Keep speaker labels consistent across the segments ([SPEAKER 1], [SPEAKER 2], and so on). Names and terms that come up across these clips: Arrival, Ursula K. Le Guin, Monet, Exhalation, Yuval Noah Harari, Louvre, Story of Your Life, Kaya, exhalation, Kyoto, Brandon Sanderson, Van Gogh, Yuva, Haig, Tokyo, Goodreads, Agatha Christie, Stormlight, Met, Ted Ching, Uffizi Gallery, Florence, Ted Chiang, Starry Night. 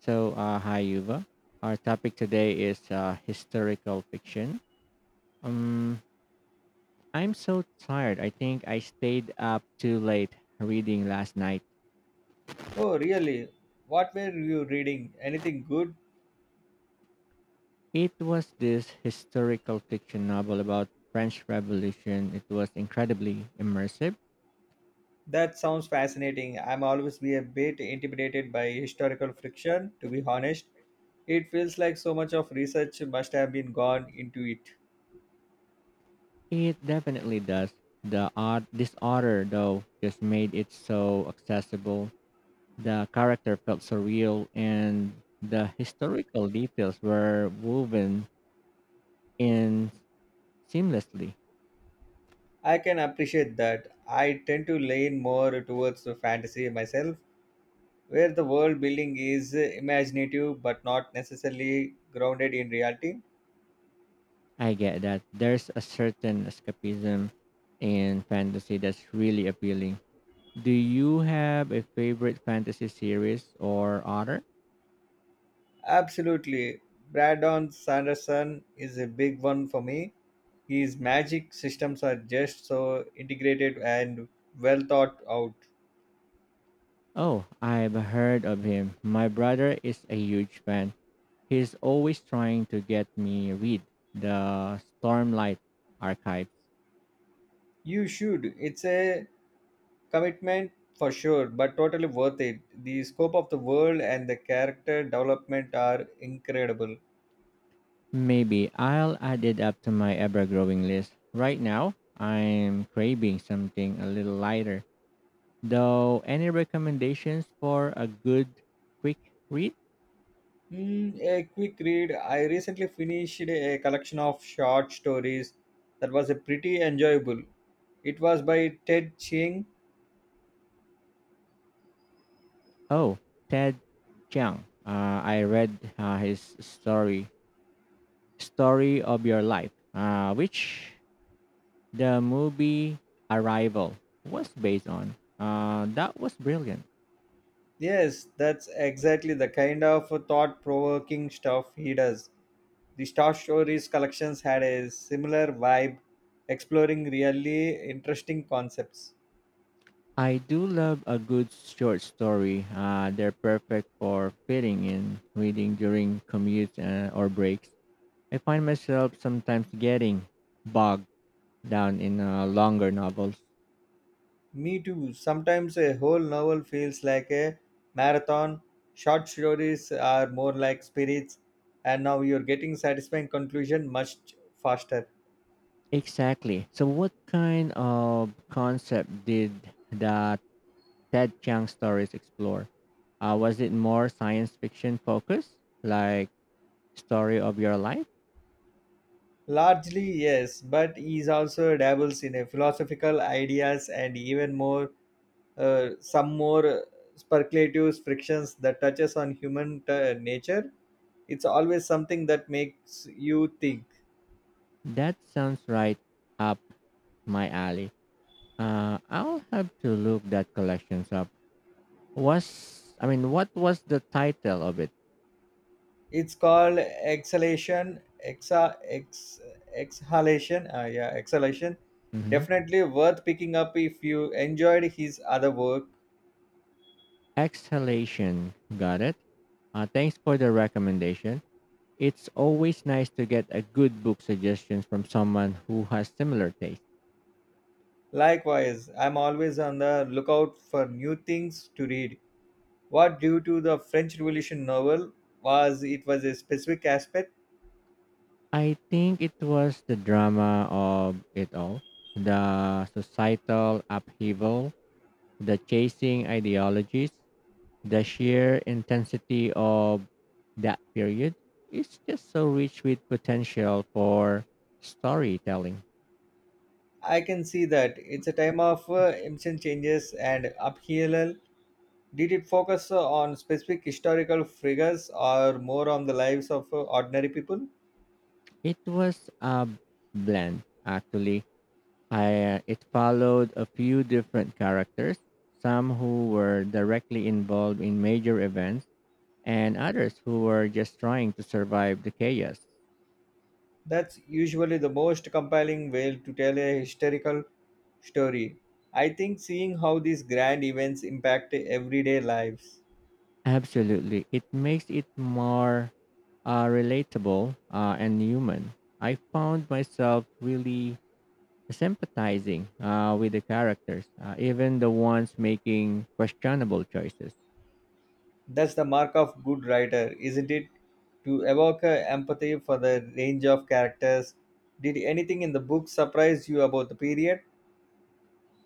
[SPEAKER 1] So, hi Yuva. Our topic today is historical fiction. Um, I'm so tired. I think I stayed up too late reading last night.
[SPEAKER 2] Oh, really? What were you reading? Anything good?
[SPEAKER 1] It was this historical fiction novel about French Revolution. It was incredibly immersive.
[SPEAKER 2] That sounds fascinating. I'm always be a bit intimidated by historical fiction, to be honest. It feels like so much of research must have been gone into it.
[SPEAKER 1] It definitely does. The odd disorder though just made it so accessible. The character felt surreal, and the historical details were woven in seamlessly.
[SPEAKER 2] I can appreciate that. I tend to lean more towards the fantasy myself, where the world building is imaginative but not necessarily grounded in reality.
[SPEAKER 1] I get that there's a certain escapism in fantasy that's really appealing. Do you have a favorite fantasy series or author?
[SPEAKER 2] Absolutely. Brandon Sanderson is a big one for me. His magic systems are just so integrated and well thought out.
[SPEAKER 1] Oh, I've heard of him. My brother is a huge fan. He's always trying to get me read the Stormlight archives.
[SPEAKER 2] You should. It's a commitment for sure, but totally worth it. The scope of the world and the character development are incredible.
[SPEAKER 1] Maybe I'll add it up to my ever-growing list. Right now, I'm craving something a little lighter. Though any recommendations for a good quick read?
[SPEAKER 2] A quick read. I recently finished a collection of short stories that was a pretty enjoyable. It was by Ted Ching.
[SPEAKER 1] Oh, Ted Chiang. I read his story, Story of Your Life, which the movie Arrival was based on. That was brilliant.
[SPEAKER 2] Yes, that's exactly the kind of thought provoking stuff he does. The short stories collections had a similar vibe, exploring really interesting concepts.
[SPEAKER 1] I do love a good short story. They're perfect for fitting in reading during commutes or breaks. I find myself sometimes getting bogged down in longer novels.
[SPEAKER 2] Me too. Sometimes a whole novel feels like a marathon. Short stories are more like spirits, and now you're getting satisfying conclusion much faster.
[SPEAKER 1] Exactly. So, what kind of concept did the Ted Chiang stories explore? Was it more science fiction focused, like story of your life?
[SPEAKER 2] Largely, yes, but he also dabbles in a philosophical ideas and even more, some more speculative frictions that touches on human nature. It's always something that makes you think.
[SPEAKER 1] That sounds right up my alley. I'll have to look that collections up. What was the title of it?
[SPEAKER 2] It's called exhalation, exa ex, exhalation, yeah, exhalation.
[SPEAKER 1] Hmm.
[SPEAKER 2] Definitely worth picking up if you enjoyed his other work.
[SPEAKER 1] Exhalation. Got it. Thanks for the recommendation. It's always nice to get a good book suggestion from someone who has similar taste.
[SPEAKER 2] Likewise, I'm always on the lookout for new things to read. What due to the French Revolution novel, was it was a specific aspect?
[SPEAKER 1] I think it was the drama of it all, the societal upheaval, the chasing ideologies, the sheer intensity of that period. It's just so rich with potential for storytelling.
[SPEAKER 2] I can see that it's a time of instant changes and upheaval. Did it focus on specific historical figures or more on the lives of ordinary people?
[SPEAKER 1] It was a blend, actually. I it followed a few different characters, some who were directly involved in major events and others who were just trying to survive the chaos.
[SPEAKER 2] That's usually the most compelling way to tell a historical story. I think seeing how these grand events impact everyday lives.
[SPEAKER 1] Absolutely. It makes it more relatable and human. I found myself really sympathizing with the characters, even the ones making questionable choices.
[SPEAKER 2] That's the mark of good writer, isn't it? To evoke empathy for the range of characters. Did anything in the book surprise you about the period?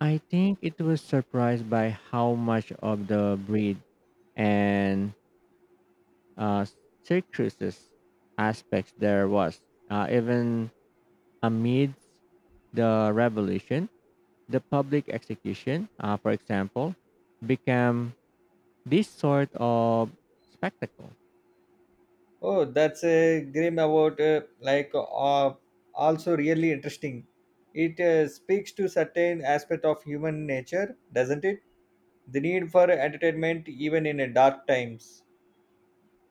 [SPEAKER 1] I think it was surprised by how much of the breed and uh, circus aspects there was. Even amidst the revolution, the public execution, for example, became this sort of spectacle.
[SPEAKER 2] Oh, that's a grim about also really interesting. It speaks to certain aspect of human nature, doesn't it? The need for entertainment even in a dark times.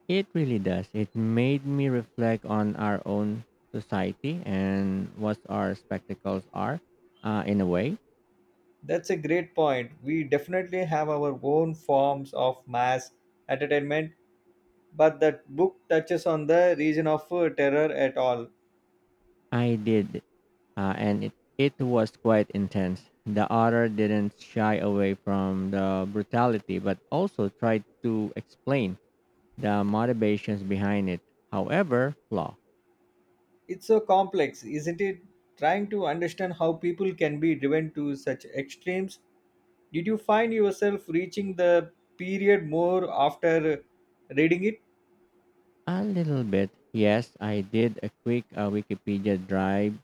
[SPEAKER 1] It really does. It made me reflect on our own society and what our spectacles are in a way.
[SPEAKER 2] That's a great point. We definitely have our own forms of mass entertainment, but that book touches on the region of terror at all.
[SPEAKER 1] I did and it was quite intense. The author didn't shy away from the brutality, but also tried to explain the motivations behind it. However, flaw
[SPEAKER 2] It's so complex, isn't it? Trying to understand how people can be driven to such extremes. Did you find yourself reaching the period more after reading it?
[SPEAKER 1] a little bit. Yes, I did a quick Wikipedia drive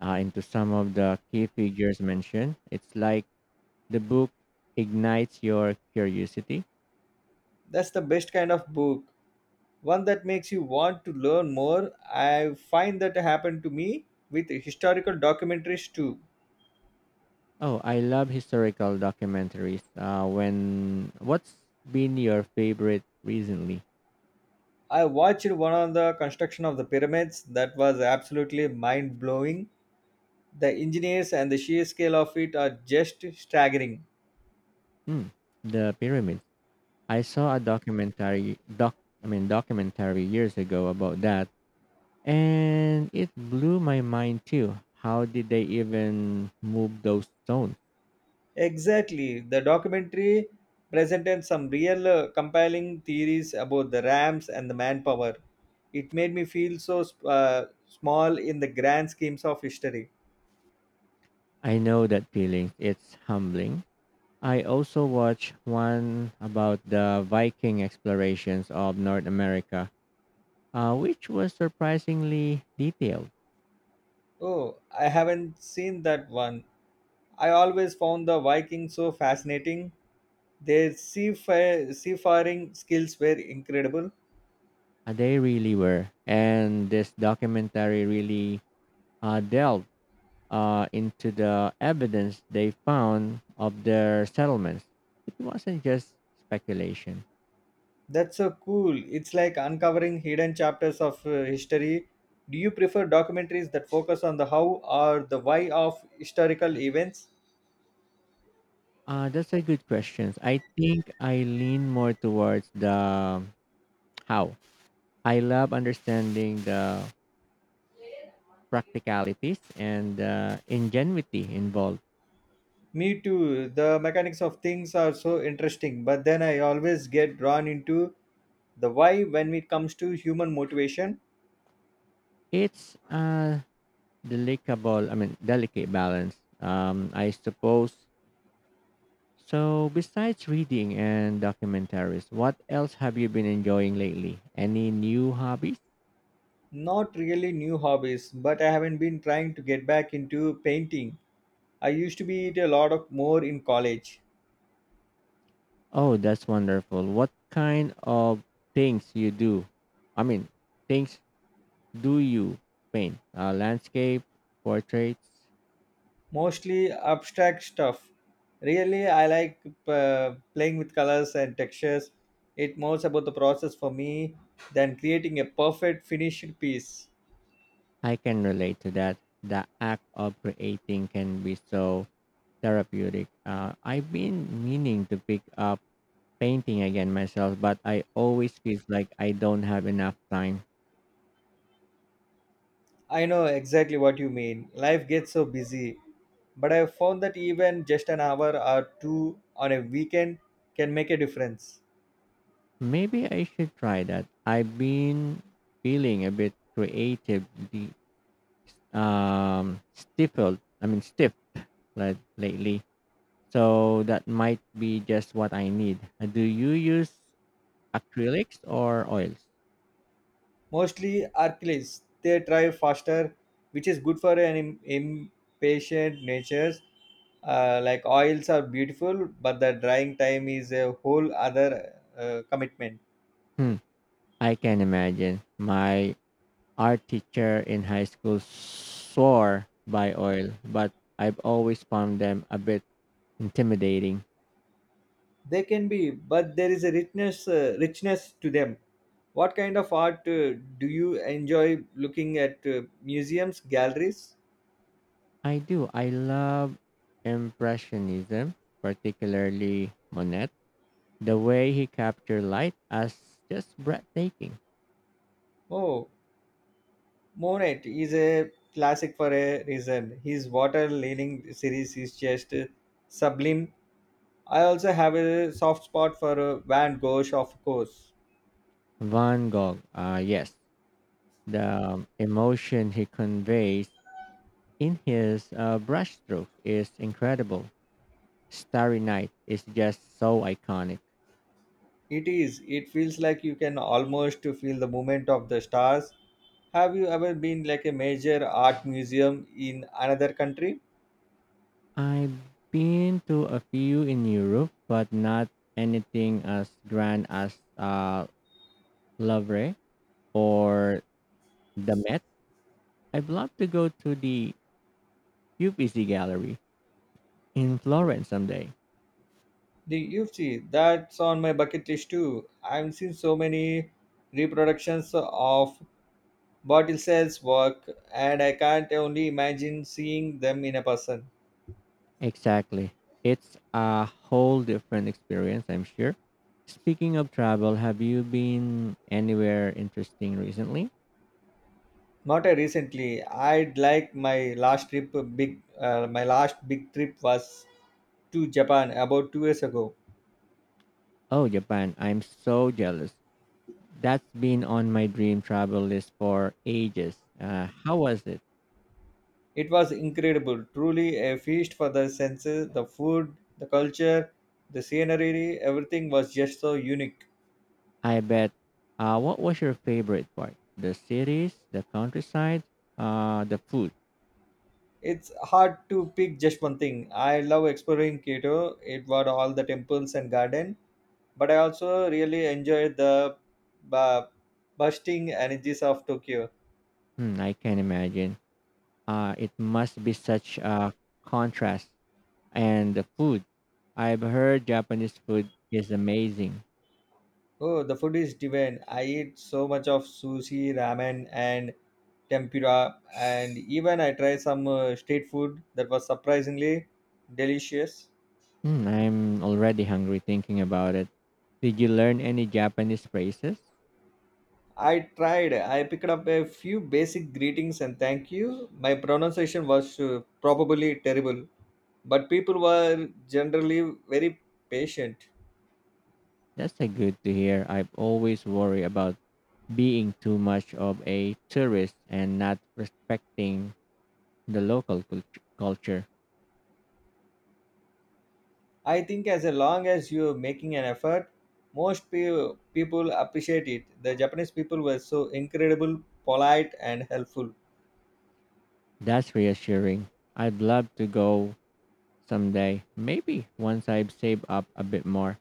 [SPEAKER 1] into some of the key figures mentioned. It's like the book ignites your curiosity.
[SPEAKER 2] That's the best kind of book. One that makes you want to learn more. I find that happened to me with historical documentaries too.
[SPEAKER 1] Oh, I love historical documentaries. When what's been your favorite recently?
[SPEAKER 2] I watched one on the construction of the pyramids that was absolutely mind blowing. The engineers and the sheer scale of it are just staggering.
[SPEAKER 1] Mm, the pyramids. I saw a documentary doc I mean documentary years ago about that and it blew my mind too. How did they even move those stones?
[SPEAKER 2] Exactly. The documentary presented some real compelling theories about the ramps and the manpower. It made me feel so small in the grand schemes of history.
[SPEAKER 1] I know that feeling. It's humbling. I also watched one about the Viking explorations of North America, which was surprisingly detailed.
[SPEAKER 2] Oh, I haven't seen that one. I always found the Vikings so fascinating. Their seafaring skills were incredible.
[SPEAKER 1] They really were. And this documentary really delved into the evidence they found of their settlements. It wasn't just speculation.
[SPEAKER 2] That's so cool. It's like uncovering hidden chapters of history. Do you prefer documentaries that focus on the how or the why of historical events?
[SPEAKER 1] That's a good question. I think I lean more towards the how. I love understanding the practicalities and the ingenuity involved.
[SPEAKER 2] Me too. The mechanics of things are so interesting, but then I always get drawn into the why when it comes to human motivation.
[SPEAKER 1] It's a delicate balance. I suppose. So, besides reading and documentaries, what else have you been enjoying lately? Any new hobbies?
[SPEAKER 2] Not really new hobbies, but I haven't been trying to get back into painting. I used to be it a lot of more in college.
[SPEAKER 1] Oh, that's wonderful. What kind of things you do? I mean, things do you paint? Landscape, portraits?
[SPEAKER 2] Mostly abstract stuff. Really, I like playing with colors and textures. It more about the process for me than creating a perfect finished piece.
[SPEAKER 1] I can relate to that. The act of creating can be so therapeutic. I've been meaning to pick up painting again myself, but I always feel like I don't have enough time.
[SPEAKER 2] I know exactly what you mean. Life gets so busy, but I found that even just an hour or two on a weekend can make a difference.
[SPEAKER 1] Maybe I should try that. I've been feeling a bit creative, the stifled. I mean, stiff like, lately. So that might be just what I need. Do you use acrylics or oils?
[SPEAKER 2] Mostly Hercules. They drive faster, which is good for an impatient natures. Like oils are beautiful, but the drying time is a whole other commitment.
[SPEAKER 1] Hmm. I can imagine. My art teacher in high school swore by oil, but I've always found them a bit intimidating.
[SPEAKER 2] They can be, but there is a richness to them. What kind of art do you enjoy looking at museums, galleries?
[SPEAKER 1] I do. I love Impressionism, particularly Monet. The way he captured light as just breathtaking.
[SPEAKER 2] Oh, Monet is a classic for a reason. His water leaning series is just sublime. I also have a soft spot for Van Gogh, of course.
[SPEAKER 1] Van Gogh, yes, the emotion he conveys in his brushstrokes is incredible. Starry Night is just so iconic.
[SPEAKER 2] It is. It feels like you can almost to feel the movement of the stars. Have you ever been like a major art museum in another country?
[SPEAKER 1] I've been to a few in Europe, but not anything as grand as Louvre or the Met. I'd love to go to the Uffizi Gallery in Florence someday.
[SPEAKER 2] The UFC. That's on my bucket list too. I've seen so many reproductions of Botticelli's work, and I can't only imagine seeing them in a person.
[SPEAKER 1] Exactly. It's a whole different experience, I'm sure. Speaking of travel, have you been anywhere interesting recently?
[SPEAKER 2] Not a recently. I'd like my last trip a big. My last big trip was to Japan about 2 years ago.
[SPEAKER 1] Oh, Japan. I'm so jealous. That's been on my dream travel list for ages. How was it?
[SPEAKER 2] It was incredible, truly a feast for the senses. The food, the culture, the scenery, everything was just so unique.
[SPEAKER 1] I bet. What was your favorite part? The cities, the countryside, the food.
[SPEAKER 2] It's hard to pick just one thing. I love exploring Kyoto. It was all the temples and garden, but I also really enjoyed the bu- bursting energies of Tokyo.
[SPEAKER 1] Hmm, I can imagine. It must be such a contrast. And the food. I've heard Japanese food is amazing.
[SPEAKER 2] Oh, the food is divine. I eat so much of sushi, ramen, and tempura, and even I tried some street food that was surprisingly delicious.
[SPEAKER 1] Hmm, I'm already hungry thinking about it. Did you learn any Japanese phrases?
[SPEAKER 2] I tried. I picked up a few basic greetings and thank you. My pronunciation was probably terrible, but people were generally very patient.
[SPEAKER 1] That's a good to hear. I've always worry about being too much of a tourist and not respecting the local cult- culture.
[SPEAKER 2] I think as long as you're making an effort, most people appreciate it. The Japanese people were so incredible, polite, and helpful.
[SPEAKER 1] That's reassuring. I'd love to go someday. Maybe once I've saved up a bit more.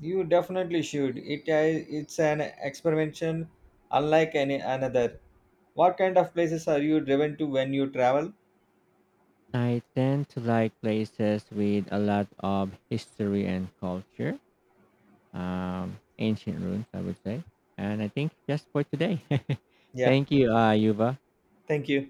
[SPEAKER 2] You definitely should. It's an experimentation unlike any another. What kind of places are you driven to when you travel?
[SPEAKER 1] I tend to like places with a lot of history and culture, ancient ruins, I would say. And I think just for today.
[SPEAKER 2] Yeah,
[SPEAKER 1] Thank you, Yuva.
[SPEAKER 2] thank you.